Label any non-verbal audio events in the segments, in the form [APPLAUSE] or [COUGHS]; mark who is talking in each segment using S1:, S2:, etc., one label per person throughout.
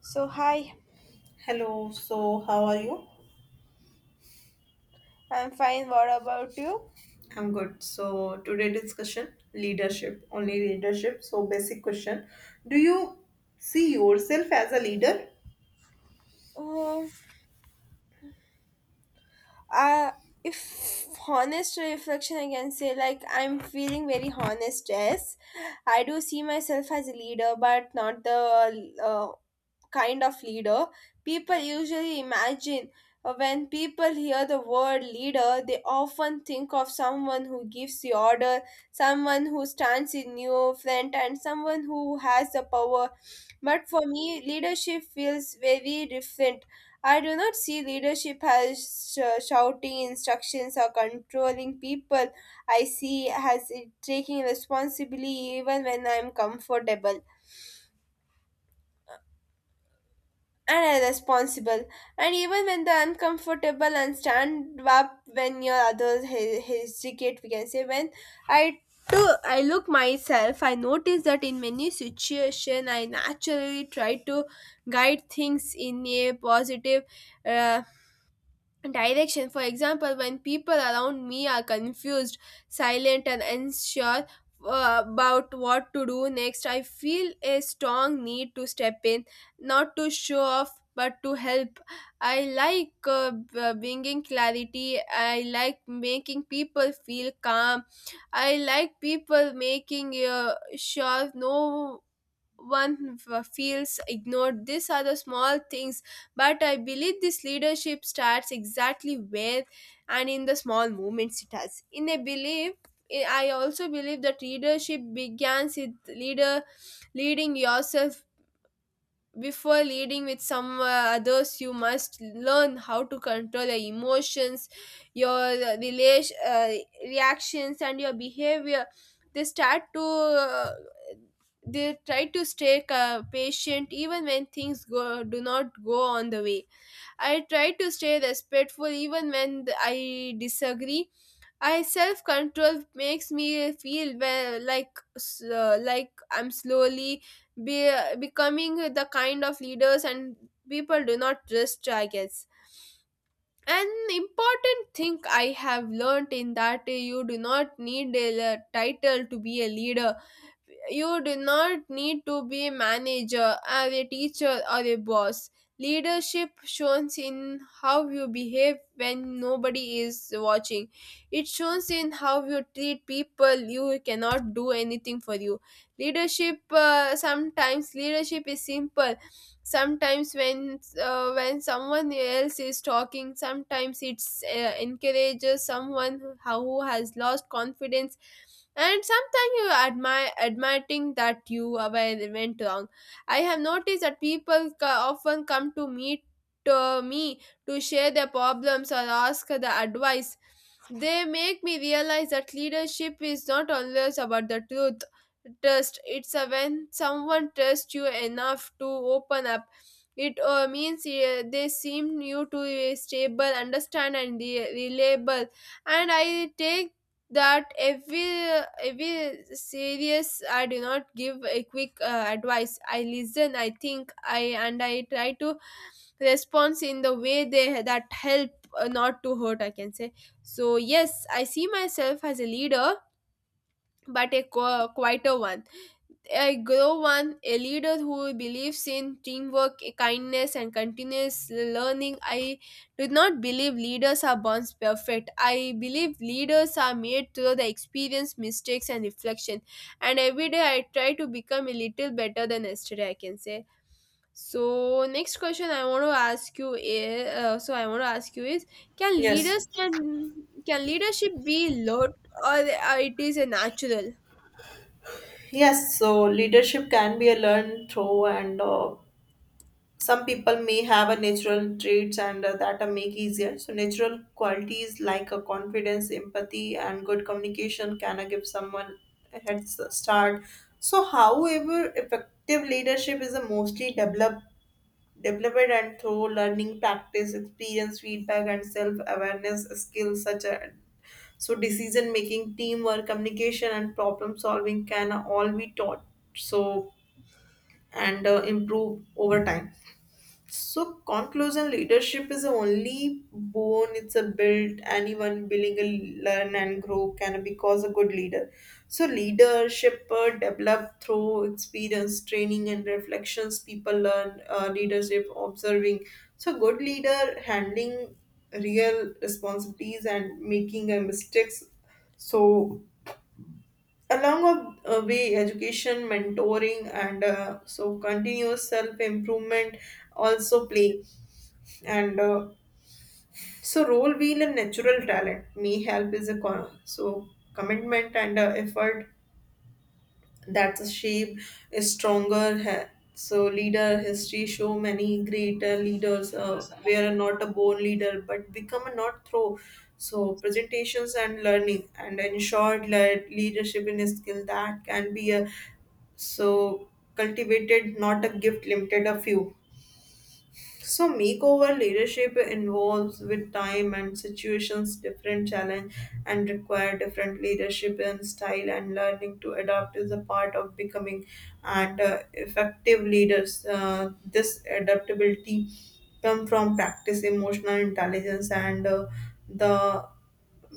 S1: So, hi,
S2: Hello, so how are you?
S1: I'm fine. What about you?
S2: I'm good. So today discussion leadership, only leadership. So basic question. Do you see yourself as a leader?
S1: Uh, uh, if honest reflection, I can say like I'm feeling very honest. Yes, I do see myself as a leader, but not the kind of leader people usually imagine. When people hear the word leader, they often think of someone who gives the order, someone who stands in your front, and someone who has the power. But for me, leadership feels very different. I do not see leadership as shouting instructions or controlling people. I see as it taking responsibility even when I'm comfortable and are responsible and even when they're uncomfortable and stand up when your others hesitate, we can say. When i I look myself, I notice that in many situation I naturally try to guide things in a positive uh, direction. For example, when people around me are confused, silent, and unsure about what to do next, I feel a strong need to step in, not to show off, but to help. I like bringing clarity. I like making people feel calm. I like people making sure no one feels ignored. These are the small things, but I believe this leadership starts exactly where and in the small moments it has. In a belief, I also believe that leadership begins with leader leading yourself before leading with some others. You must learn how to control your emotions, your relation reactions and your behavior. They start to they try to stay patient even when things go do not go on the way. I try to stay respectful even when I disagree. I self control makes me feel well, like like I'm slowly be becoming the kind of leaders and people do not trust, I guess. An important thing I have learned in that you do not need a title to be a leader. You do not need to be a manager or a teacher or a boss. Leadership shows in how you behave when nobody is watching. It shows in how you treat people you cannot do anything for you. Leadership sometimes leadership is simple. Sometimes when someone else is talking, sometimes it's encourages someone who has lost confidence, and sometimes you admire admitting that you were went wrong. I have noticed that people often come to meet to me to share their problems or ask the advice. They make me realize that leadership is not always about the truth. Trust. It's a when someone trusts you enough to open up. It means they seem you to be stable, understand, and reliable. And I take that every serious. I do not give a quick advice. I listen. I think. I and I try to response in the way they that help, not to hurt, I can say. So yes, I see myself as a leader, but a quieter one. I grow one a leader who believes in teamwork, kindness, and continuous learning. I do not believe leaders are born perfect. I believe leaders are made through the experience, mistakes, and reflection. And every day I try to become a little better than yesterday, I can say. So next question I want to ask you is can
S2: Yes.
S1: leadership be learned or it is a natural?
S2: Yes, so leadership can be a learned through and some people may have a natural traits and that are make easier. So natural qualities like a confidence, empathy and good communication can give someone a start. So however effective leadership is a mostly developed and through learning practice experience feedback and self-awareness skills such as so decision making teamwork communication and problem solving can all be taught so and improve over time. So, conclusion, leadership is the only bone, it's a built. Anyone willing to learn and grow can because a good leader. So, leadership developed through experience, training, and reflections. People learn leadership, observing. So, good leader handling real responsibilities and making mistakes. So, along a way, education, mentoring, and so continuous self improvement also play and so role wheel and natural talent me help is a so commitment and effort that's a shape is stronger so leader history show many great leaders were not a born leader but become a not through so presentations and learning and ensured leadership in a skill that can be a so cultivated, not a gift limited a few. So makeover leadership involves with time and situations different challenge and require different leadership and style and learning to adapt is a part of becoming and effective leaders. This adaptability come from practice, emotional intelligence, and the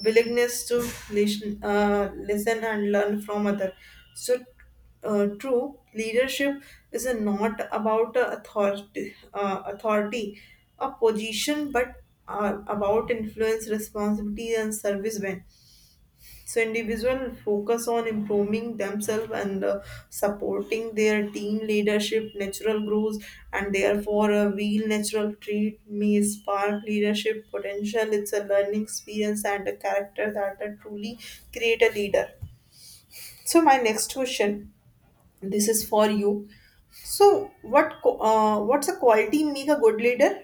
S2: willingness to listen and learn from other. So, true leadership is not about authority, a position, but about influence, responsibility, and service. So individual focus on improving themselves and supporting their team leadership, natural growth, and therefore a wheel natural treat may spark leadership potential. It's a learning experience and a character that truly create a leader. So my next question, this is for you. So what's a quality make a good leader?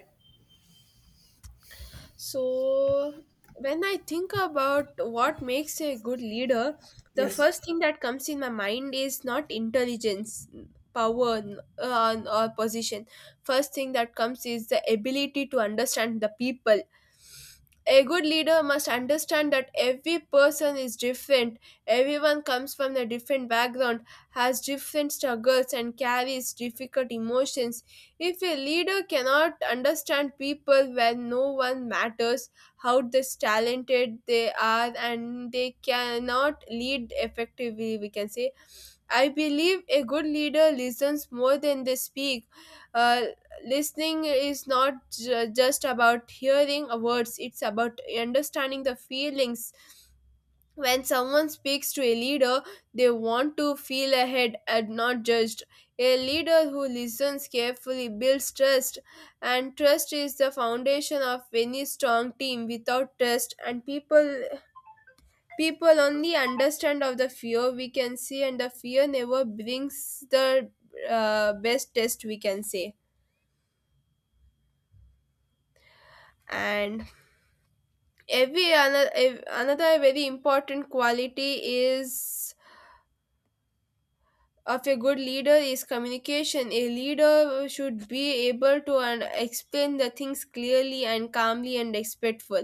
S1: So, when I think about what makes a good leader, the
S2: Yes.
S1: first thing that comes in my mind is not intelligence, power, or position. First thing that comes is the ability to understand the people. A good leader must understand that every person is different. Everyone comes from a different background, has different struggles, and carries difficult emotions. If a leader cannot understand people well, no one matters how this talented they are and they cannot lead effectively, we can say. I believe a good leader listens more than they speak. Uh, Listening is not just about hearing words, it's about understanding the feelings. When someone speaks to a leader, they want to feel ahead and not judged. A leader who listens carefully builds trust, and trust is the foundation of any strong team. Without trust, and people only understand of the fear, we can see, and the fear never brings the best test, we can say. And every another another very important quality is of a good leader is communication. A leader should be able to and explain the things clearly and calmly and respectful.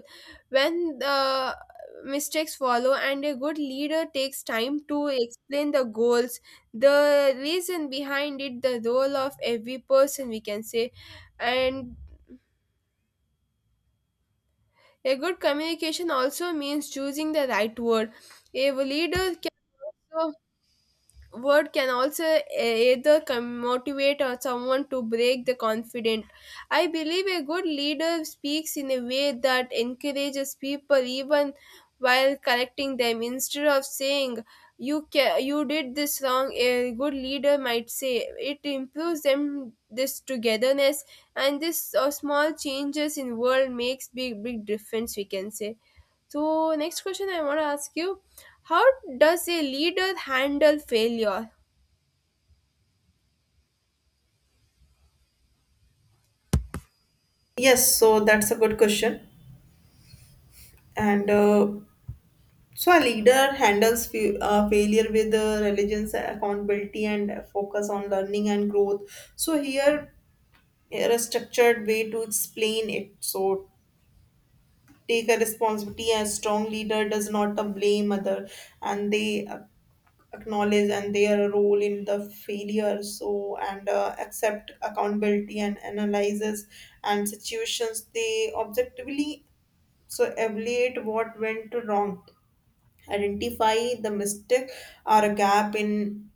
S1: When the mistakes follow and a good leader takes time to explain the goals, the reason behind it, the role of every person, we can say, and a good communication also means choosing the right word. A leader can also word can also either motivate or someone to break the confident. I believe a good leader speaks in a way that encourages people even while correcting them. Instead of saying you did this wrong, a good leader might say it improves them this togetherness, and this small changes in world makes big difference, we can say. So, next question I want to ask you, how does a leader handle failure?
S2: Yes, so that's a good question. And So a leader handles failure with religions, accountability, and focus on learning and growth. So here, here a structured way to explain it. So take a responsibility. A strong leader does not blame other, and they acknowledge and their role in the failure. So and accept accountability and analyzes and situations. They objectively so evaluate what went wrong, identify the mistake or a gap in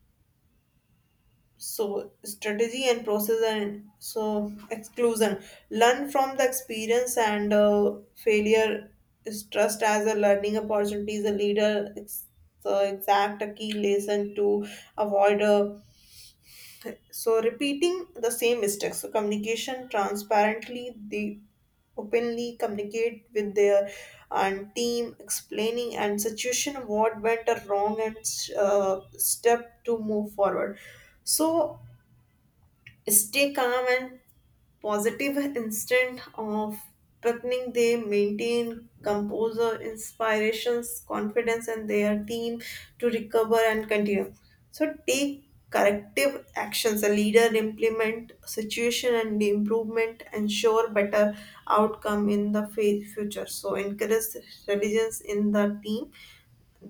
S2: so strategy and process and so exclusion learn from the experience and failure is trust as a learning opportunity is a leader, it's the exact a key lesson to avoid so repeating the same mistakes. So communication transparently, they openly communicate with their and team, explaining and situation what went wrong and step to move forward. So stay calm and positive, instant of reckoning they maintain composure, inspirations, confidence and their team to recover and continue, so take corrective actions, a leader implement situation and the improvement ensure better outcome in the future, so encourage diligence in the team,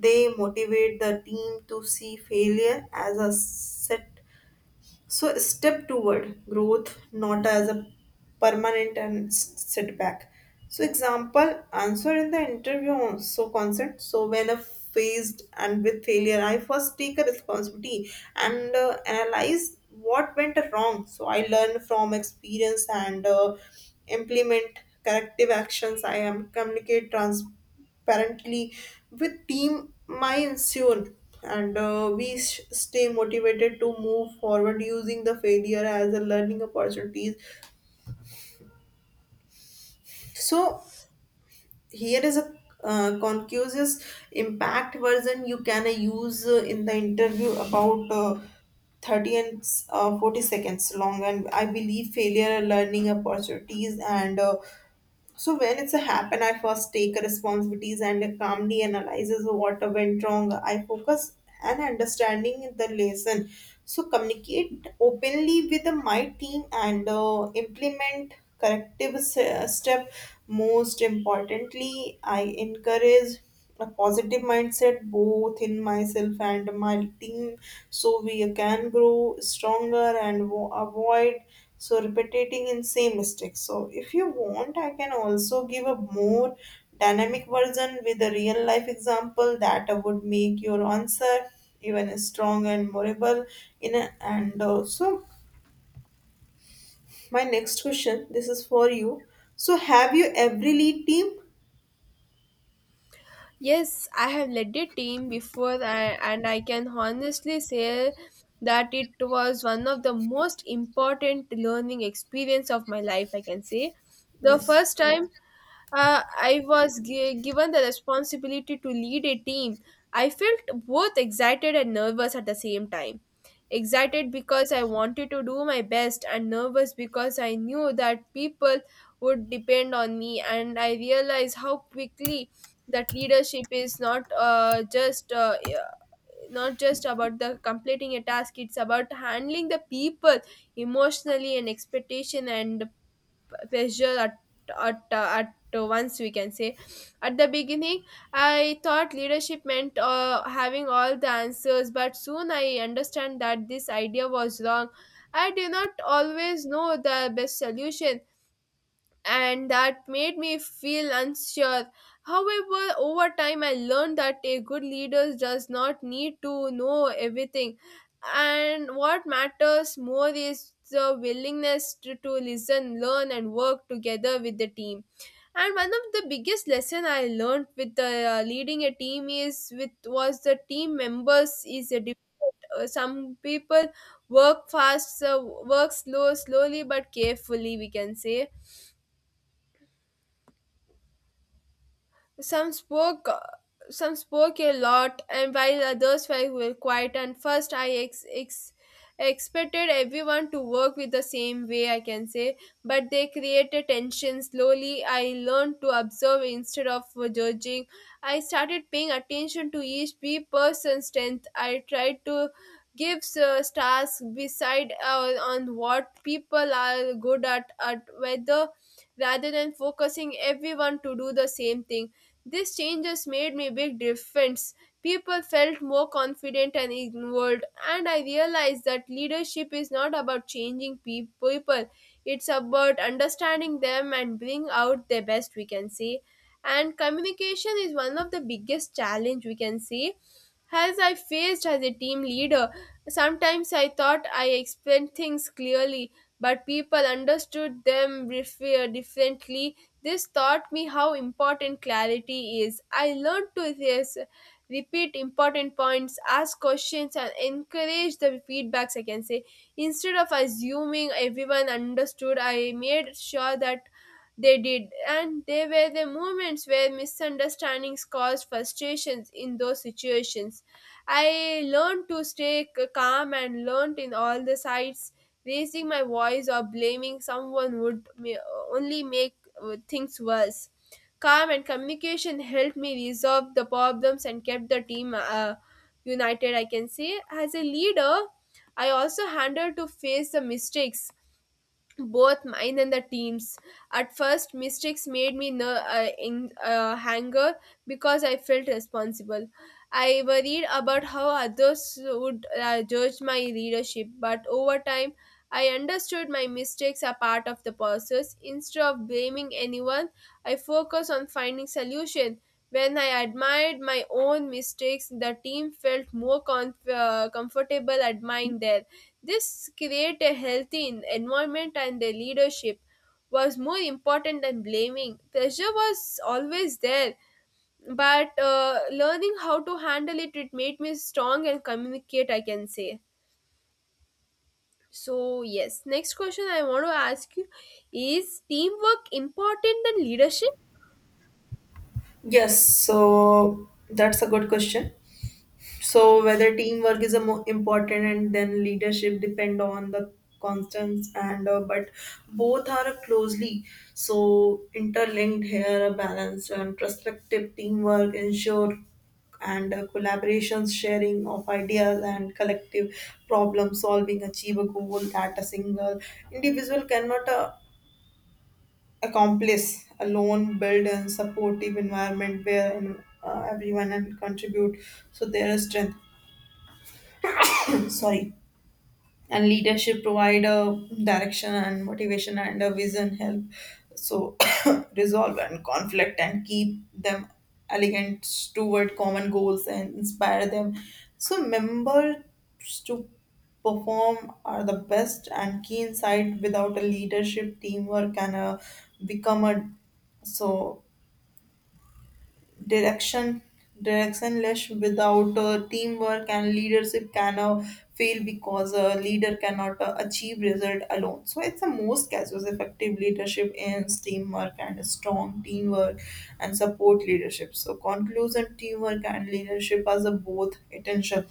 S2: they motivate the team to see failure as a set, so step toward growth, not as a permanent and setback. So example, answer in the interview also consent. So when a faced and with failure, I first take a responsibility and analyze what went wrong. So I learn from experience and implement corrective actions. I am communicate trans apparently with team mindset and we stay motivated to move forward using the failure as a learning opportunities. So here is a concuse impact version you can use in the interview about 30 and 40 seconds long, and I believe failure are learning opportunities and so when it's a happen, I first take responsibilities and calmly analyzes what went wrong. I focus and understanding the lesson. So communicate openly with my team and implement corrective step. Most importantly, I encourage a positive mindset both in myself and my team so we can grow stronger and avoid so repeating in same mistakes. So if you want I can also give a more dynamic version with a real life example that would make your answer even strong and memorable. And also my next question, this is for you. So have you every lead team?
S1: Yes, I have led a team before, and I can honestly say that it was one of the most important learning experience of my life, I can say. The
S2: Yes.
S1: first time I was given the responsibility to lead a team, I felt both excited and nervous at the same time. Excited because I wanted to do my best, and nervous because I knew that people would depend on me. And I realized how quickly that leadership is not just about the completing a task. It's about handling the people emotionally and expectation and pressure at once, we can say. At the beginning, I thought leadership meant having all the answers, but soon I understand that this idea was wrong. I do not always know the best solution, and that made me feel unsure. However, over time, I learned that a good leader does not need to know everything, and what matters more is the willingness to listen, learn, and work together with the team. And one of the biggest lesson I learned with leading a team is with was the team members is a different. Some people work fast, so work slowly but carefully, we can say. Some spoke, some spoke a lot, and while others were quiet. And first, I expected everyone to work with the same way, I can say, but they created tension. Slowly, I learned to observe instead of judging. I started paying attention to each person's strength. I tried to give stars beside on what people are good at, whether rather than focusing everyone to do the same thing. These changes made me big difference. People felt more confident and involved, and I realized that leadership is not about changing people. It's about understanding them and bring out their best, we can say, and communication is one of the biggest challenge, we can say, as I faced as a team leader. Sometimes I thought I explained things clearly, but people understood them differently. This taught me how important clarity is. I learned to repeat important points, ask questions, and encourage the feedbacks, I can say. Instead of assuming everyone understood, I made sure that they did, and there were the moments where misunderstandings caused frustrations. In those situations, I learned to stay calm and learned in all the sides. Raising my voice or blaming someone would only make things worse. Calm and communication helped me resolve the problems and kept the team united, I can say. As a leader, I also handled to face the mistakes, both mine and the team's. At first, mistakes made me ner- in anger because I felt responsible. I worried about how others would judge my leadership, but over time, I understood my mistakes are part of the process. Instead of blaming anyone, I focus on finding solution. When I admired my own mistakes, the team felt more comfortable admiring theirs. This create a healthy environment and the leadership was more important than blaming. Pressure was always there, but learning how to handle it made me strong and communicate, I can say. So, yes, next question I want to ask you, is teamwork important than leadership?
S2: Yes, so that's a good question. So whether teamwork is a more important and then leadership depend on the constants and but both are closely so interlinked. Here a balanced and prospective teamwork ensure and collaborations, sharing of ideas and collective problem solving achieve a goal that a single individual cannot accomplish alone, build a supportive environment where everyone and contribute, so there is strength. [COUGHS] Sorry. And leadership provide a direction and motivation and a vision help, so [COUGHS] resolve and conflict and keep them elegant toward common goals and inspire them, so members to perform are the best and key insight. Without a leadership teamwork can become a so direction directionless. Without teamwork and leadership can fail because a leader cannot achieve result alone, so it's the most casus effective leadership is teamwork, and a strong teamwork and support leadership. So conclusion, teamwork and leadership as a both essential,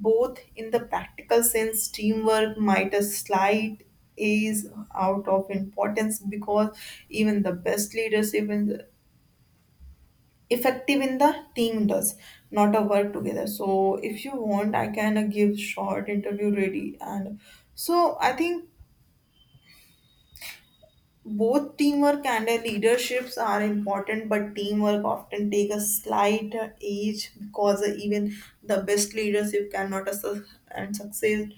S2: both in the practical sense teamwork might a slight is out of importance because even the best leadership in effective in the team does not a work together. So if you want I can give short interview ready and so I think both teamwork and leaderships are important, but teamwork often take a slight age because even the best leadership cannot and succeed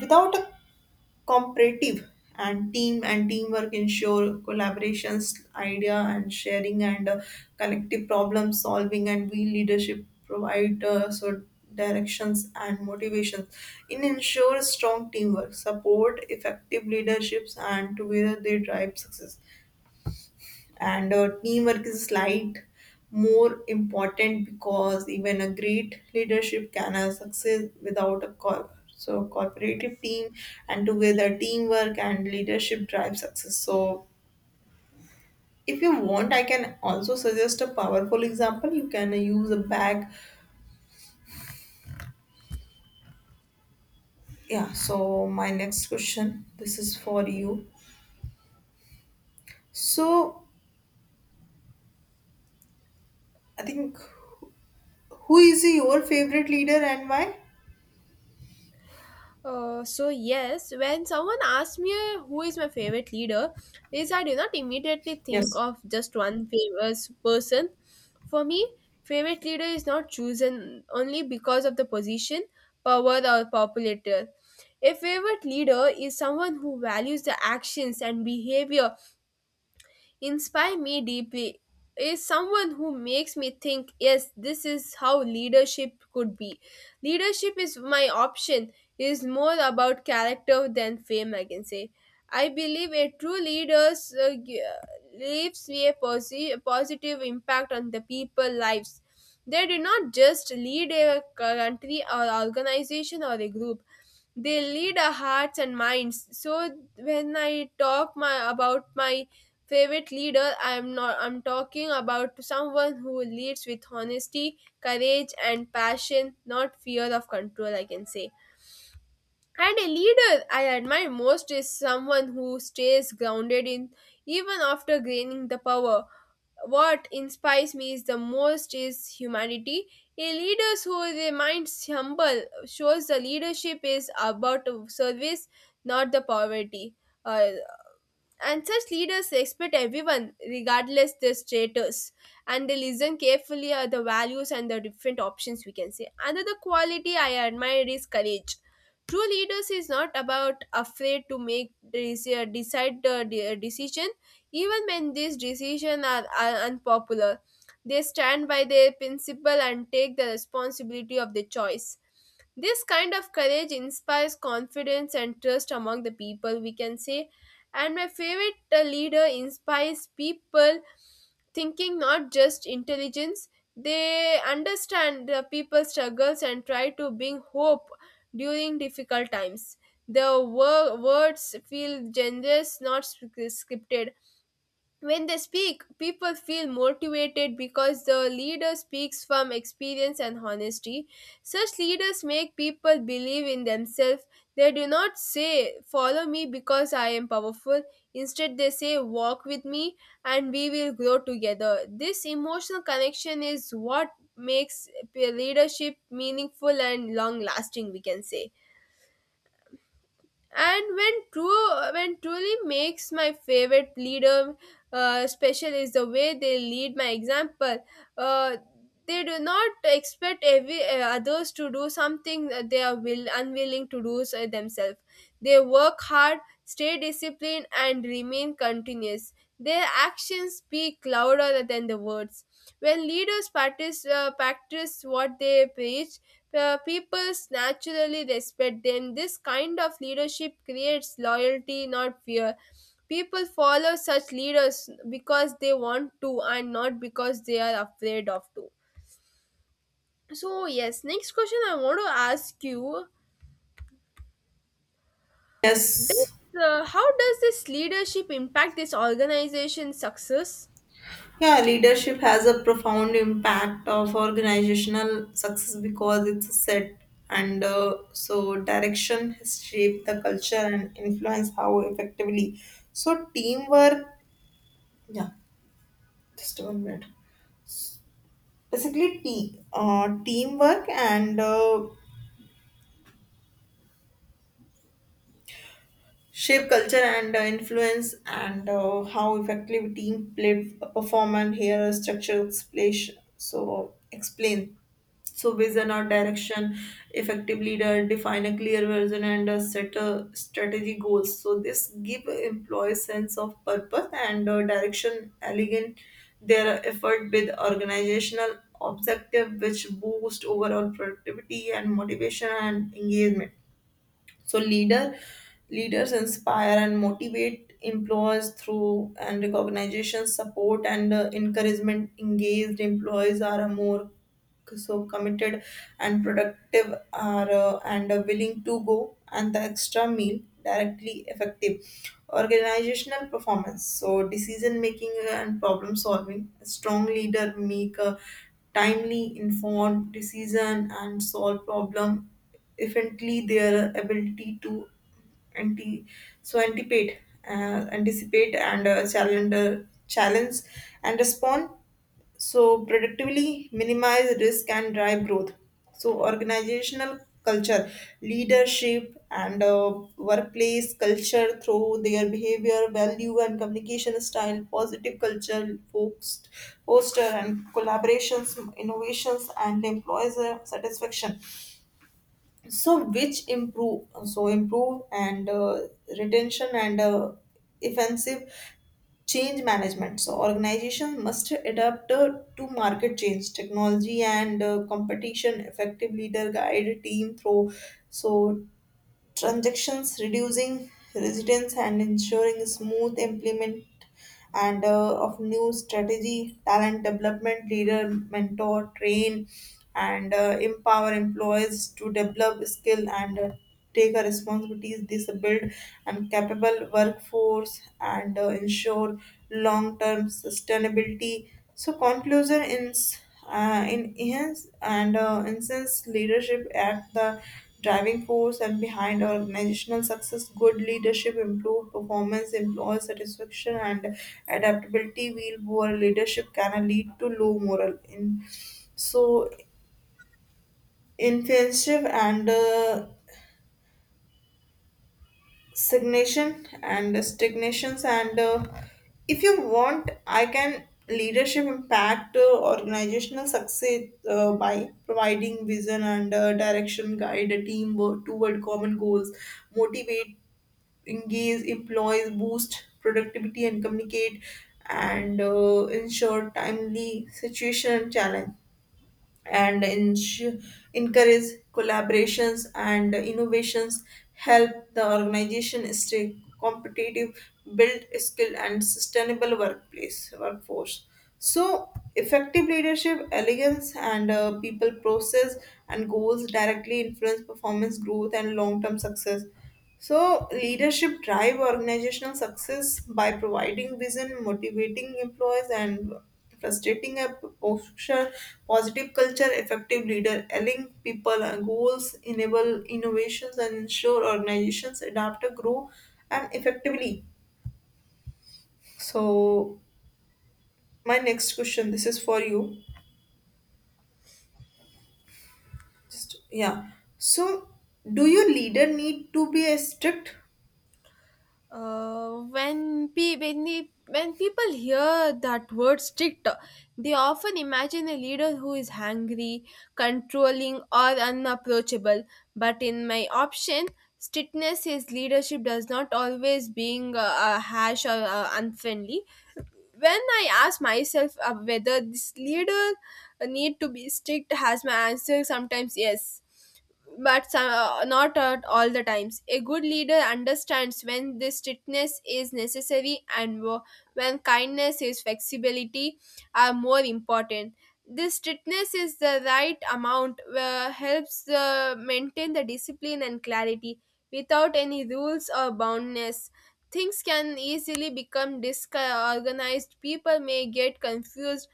S2: without a cooperative and team, and teamwork ensure collaborations, idea and sharing and collective problem solving, and we leadership provide so directions and motivations in ensure strong teamwork support effective leaderships, and together they drive success. And teamwork is slight more important because even a great leadership can have success without a so cooperative team, and together teamwork and leadership drive success. So if you want I can also suggest a powerful example you can use a bag. Yeah, so my next question, this is for you. So I think, who is your favorite leader and why?
S1: So yes, when someone asks me who is my favorite leader, is I do not immediately think
S2: Yes.
S1: of just one famous person. For me, favorite leader is not chosen only because of the position, power, or popularity. A favorite leader is someone who values the actions and behavior inspire me deeply is someone who makes me think yes this is how leadership could be leadership is my option is more about character than fame I can say. I believe a true leader uh, g- leaves a positive impact on the people lives. They do not just lead a country or organization or a group, they lead our hearts and minds. So when I talk my about my favorite leader, I'm not I'm talking about someone who leads with honesty, courage and passion, not fear of control, I can say. And a leader I admire most is someone who stays grounded in even after gaining the power. What inspires me is the most is humanity. A leader who remains humble shows the leadership is about service, not the poverty. uh, and such leaders respect everyone regardless their status, and they listen carefully at the values and the different options, we can say. Another quality I admire is courage. True leaders is not about afraid to make this, decision, even when these decisions are unpopular. They stand by their principle and take the responsibility of their choice. This kind of courage inspires confidence and trust among the people, we can say. And my favorite leader inspires people thinking not just intelligence. They understand the people's struggles and try to bring hope during difficult times. The words feel generous, not scripted, when they speak, people feel motivated because the leader speaks from experience and honesty. Such leaders make people believe in themselves. They do not say, "Follow me because I am powerful." Instead, they say, "Walk with me and we will grow together." This emotional connection is what makes leadership meaningful and long lasting, we can say. And when true when truly makes my favorite leader special is the way they lead my example. uh, they do not expect every others to do something that they are will unwilling to do so themselves. They work hard, stay disciplined and remain continuous. Their actions speak louder than the words. When leaders practice what they preach, people naturally respect them. This kind of leadership creates loyalty, not fear. People follow such leaders because they want to and not because they are afraid of to. So yes, next question I want to ask you: does,
S2: Yes.
S1: How does this leadership impact this organization's success?
S2: Yeah, leadership has a profound impact of organizational success because it's a set and so direction has shaped the culture and influence how effectively. So teamwork, yeah, just one minute. Basically, teamwork and shape culture and influence and how effectively team played perform, and here a structure place so explain so vision or direction. Effective leader define a clear vision and set a strategy goals, so this give employees sense of purpose and direction elegant their effort with organizational objective which boost overall productivity and motivation and engagement. So leader, leaders inspire and motivate employers through and recognition support and encouragement. Engaged employees are a more so committed and productive are and are willing to go and the extra meal directly effective organizational performance. So decision making and problem solving, a strong leader make a timely informed decision and solve problem efficiently. Their ability to anti anticipate, and challenge and respond so productively minimize risk and drive growth. So organizational culture, leadership and workplace culture through their behavior value and communication style positive culture focused poster and collaborations, innovations and employees satisfaction, so which improve, so improve and retention and offensive change management. So organization must adapt to market change technology and competition. Effective leader guide team through so transactions, reducing residence and ensuring smooth implement and of new strategy. Talent development, leader, mentor, train, and empower employees to develop skill and take our responsibilities. This build and capable workforce and ensure long-term sustainability. So conclusion in hence and instance leadership at the driving force and behind organizational success. Good leadership improved performance, employee satisfaction and adaptability, while poor leadership can lead to low moral in so insensitive and stagnations and if you want I can, leadership impact organizational success by providing vision and direction, guide a team toward common goals, motivate engage employees, boost productivity, and communicate and ensure timely situation challenge and encourage collaborations and innovations, help the organization stay competitive, build skill and sustainable workplace workforce. So effective leadership elegance and people process and goals directly influence performance growth and long-term success. So, leadership drive organizational success by providing vision, motivating employees, and frustrating a posture, positive culture, effective leader, aligning people and goals, enable innovations, and ensure organizations adapt, grow, and effectively. So, my next question, this is for you. Just, yeah. So, do your leader need to be a strict?
S1: When, when people hear that word strict, they often imagine a leader who is hungry, controlling, or unapproachable. But in my option, strictness is leadership does not always being harsh or unfriendly. When I ask myself whether this leader need to be strict, has my answer sometimes yes but some not at all the times. A good leader understands when this strictness is necessary and when kindness is flexibility are more important. This strictness is the right amount, helps maintain the discipline and clarity without any rules or boundness. Things can easily become disorganized. People may get confused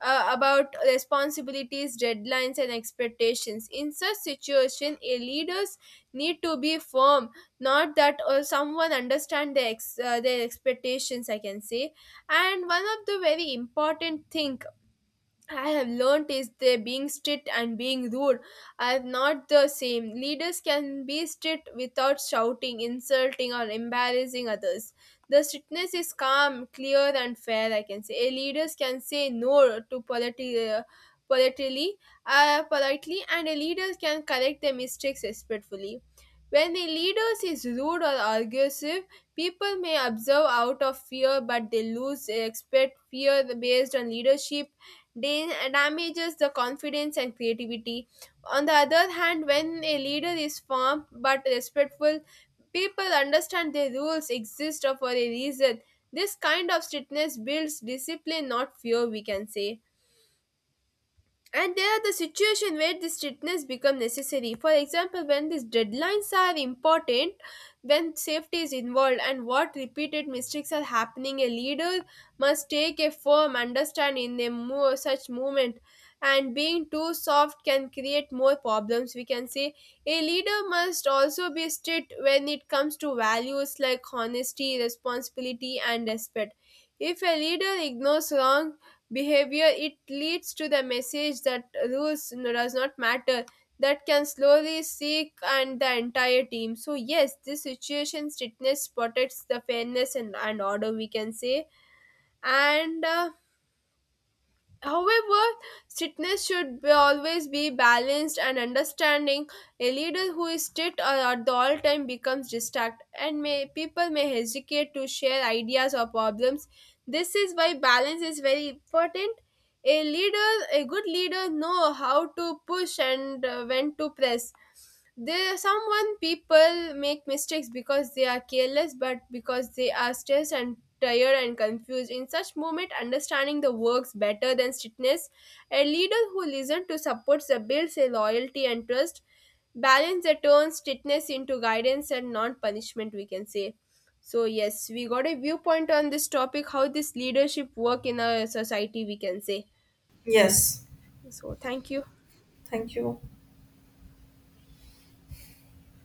S1: about responsibilities, deadlines, and expectations. In such situation, a leaders need to be firm, not that someone understand their their expectations, I can say. And one of the very important thing I have learned is that being strict and being rude are not the same. Leaders can be strict without shouting, insulting, or embarrassing others. The strictness is calm, clear, and fair, I can say. A leaders can say no to politely, politely, politely, and a leader can correct their mistakes respectfully. When a leader is rude or aggressive, people may observe out of fear, but they lose respect. Fear based on leadership damages the confidence and creativity. On the other hand, when a leader is firm but respectful, people understand their rules exist for a reason. This kind of strictness builds discipline, not fear, we can say. And there are the situation where the strictness become necessary. For example, when these deadlines are important, when safety is involved and what repeated mistakes are happening, a leader must take a firm understand in a such movement. And being too soft can create more problems, we can say. A leader must also be strict when it comes to values like honesty, responsibility, and respect. If a leader ignores wrong behavior, it leads to the message that rules does not matter, that can slowly seek and the entire team. So yes, this situation strictness protects the fairness and order, we can say. And However, strictness should be always be balanced and understanding. A leader who is strict at the all time becomes distracted, and people may hesitate to share ideas or problems. This is why balance is very important. A leader, a good leader, know how to push and when to press. There, someone people make mistakes because they are careless, but because they are stressed and tired and confused. In such moment, understanding the works better than strictness. A leader who listens to supports the builds a loyalty and trust. Balance that turns strictness into guidance and non-punishment, we can say. So yes, we got a viewpoint on this topic. How this leadership work in our society? We can say.
S2: Yes.
S1: So thank you.
S2: Thank you.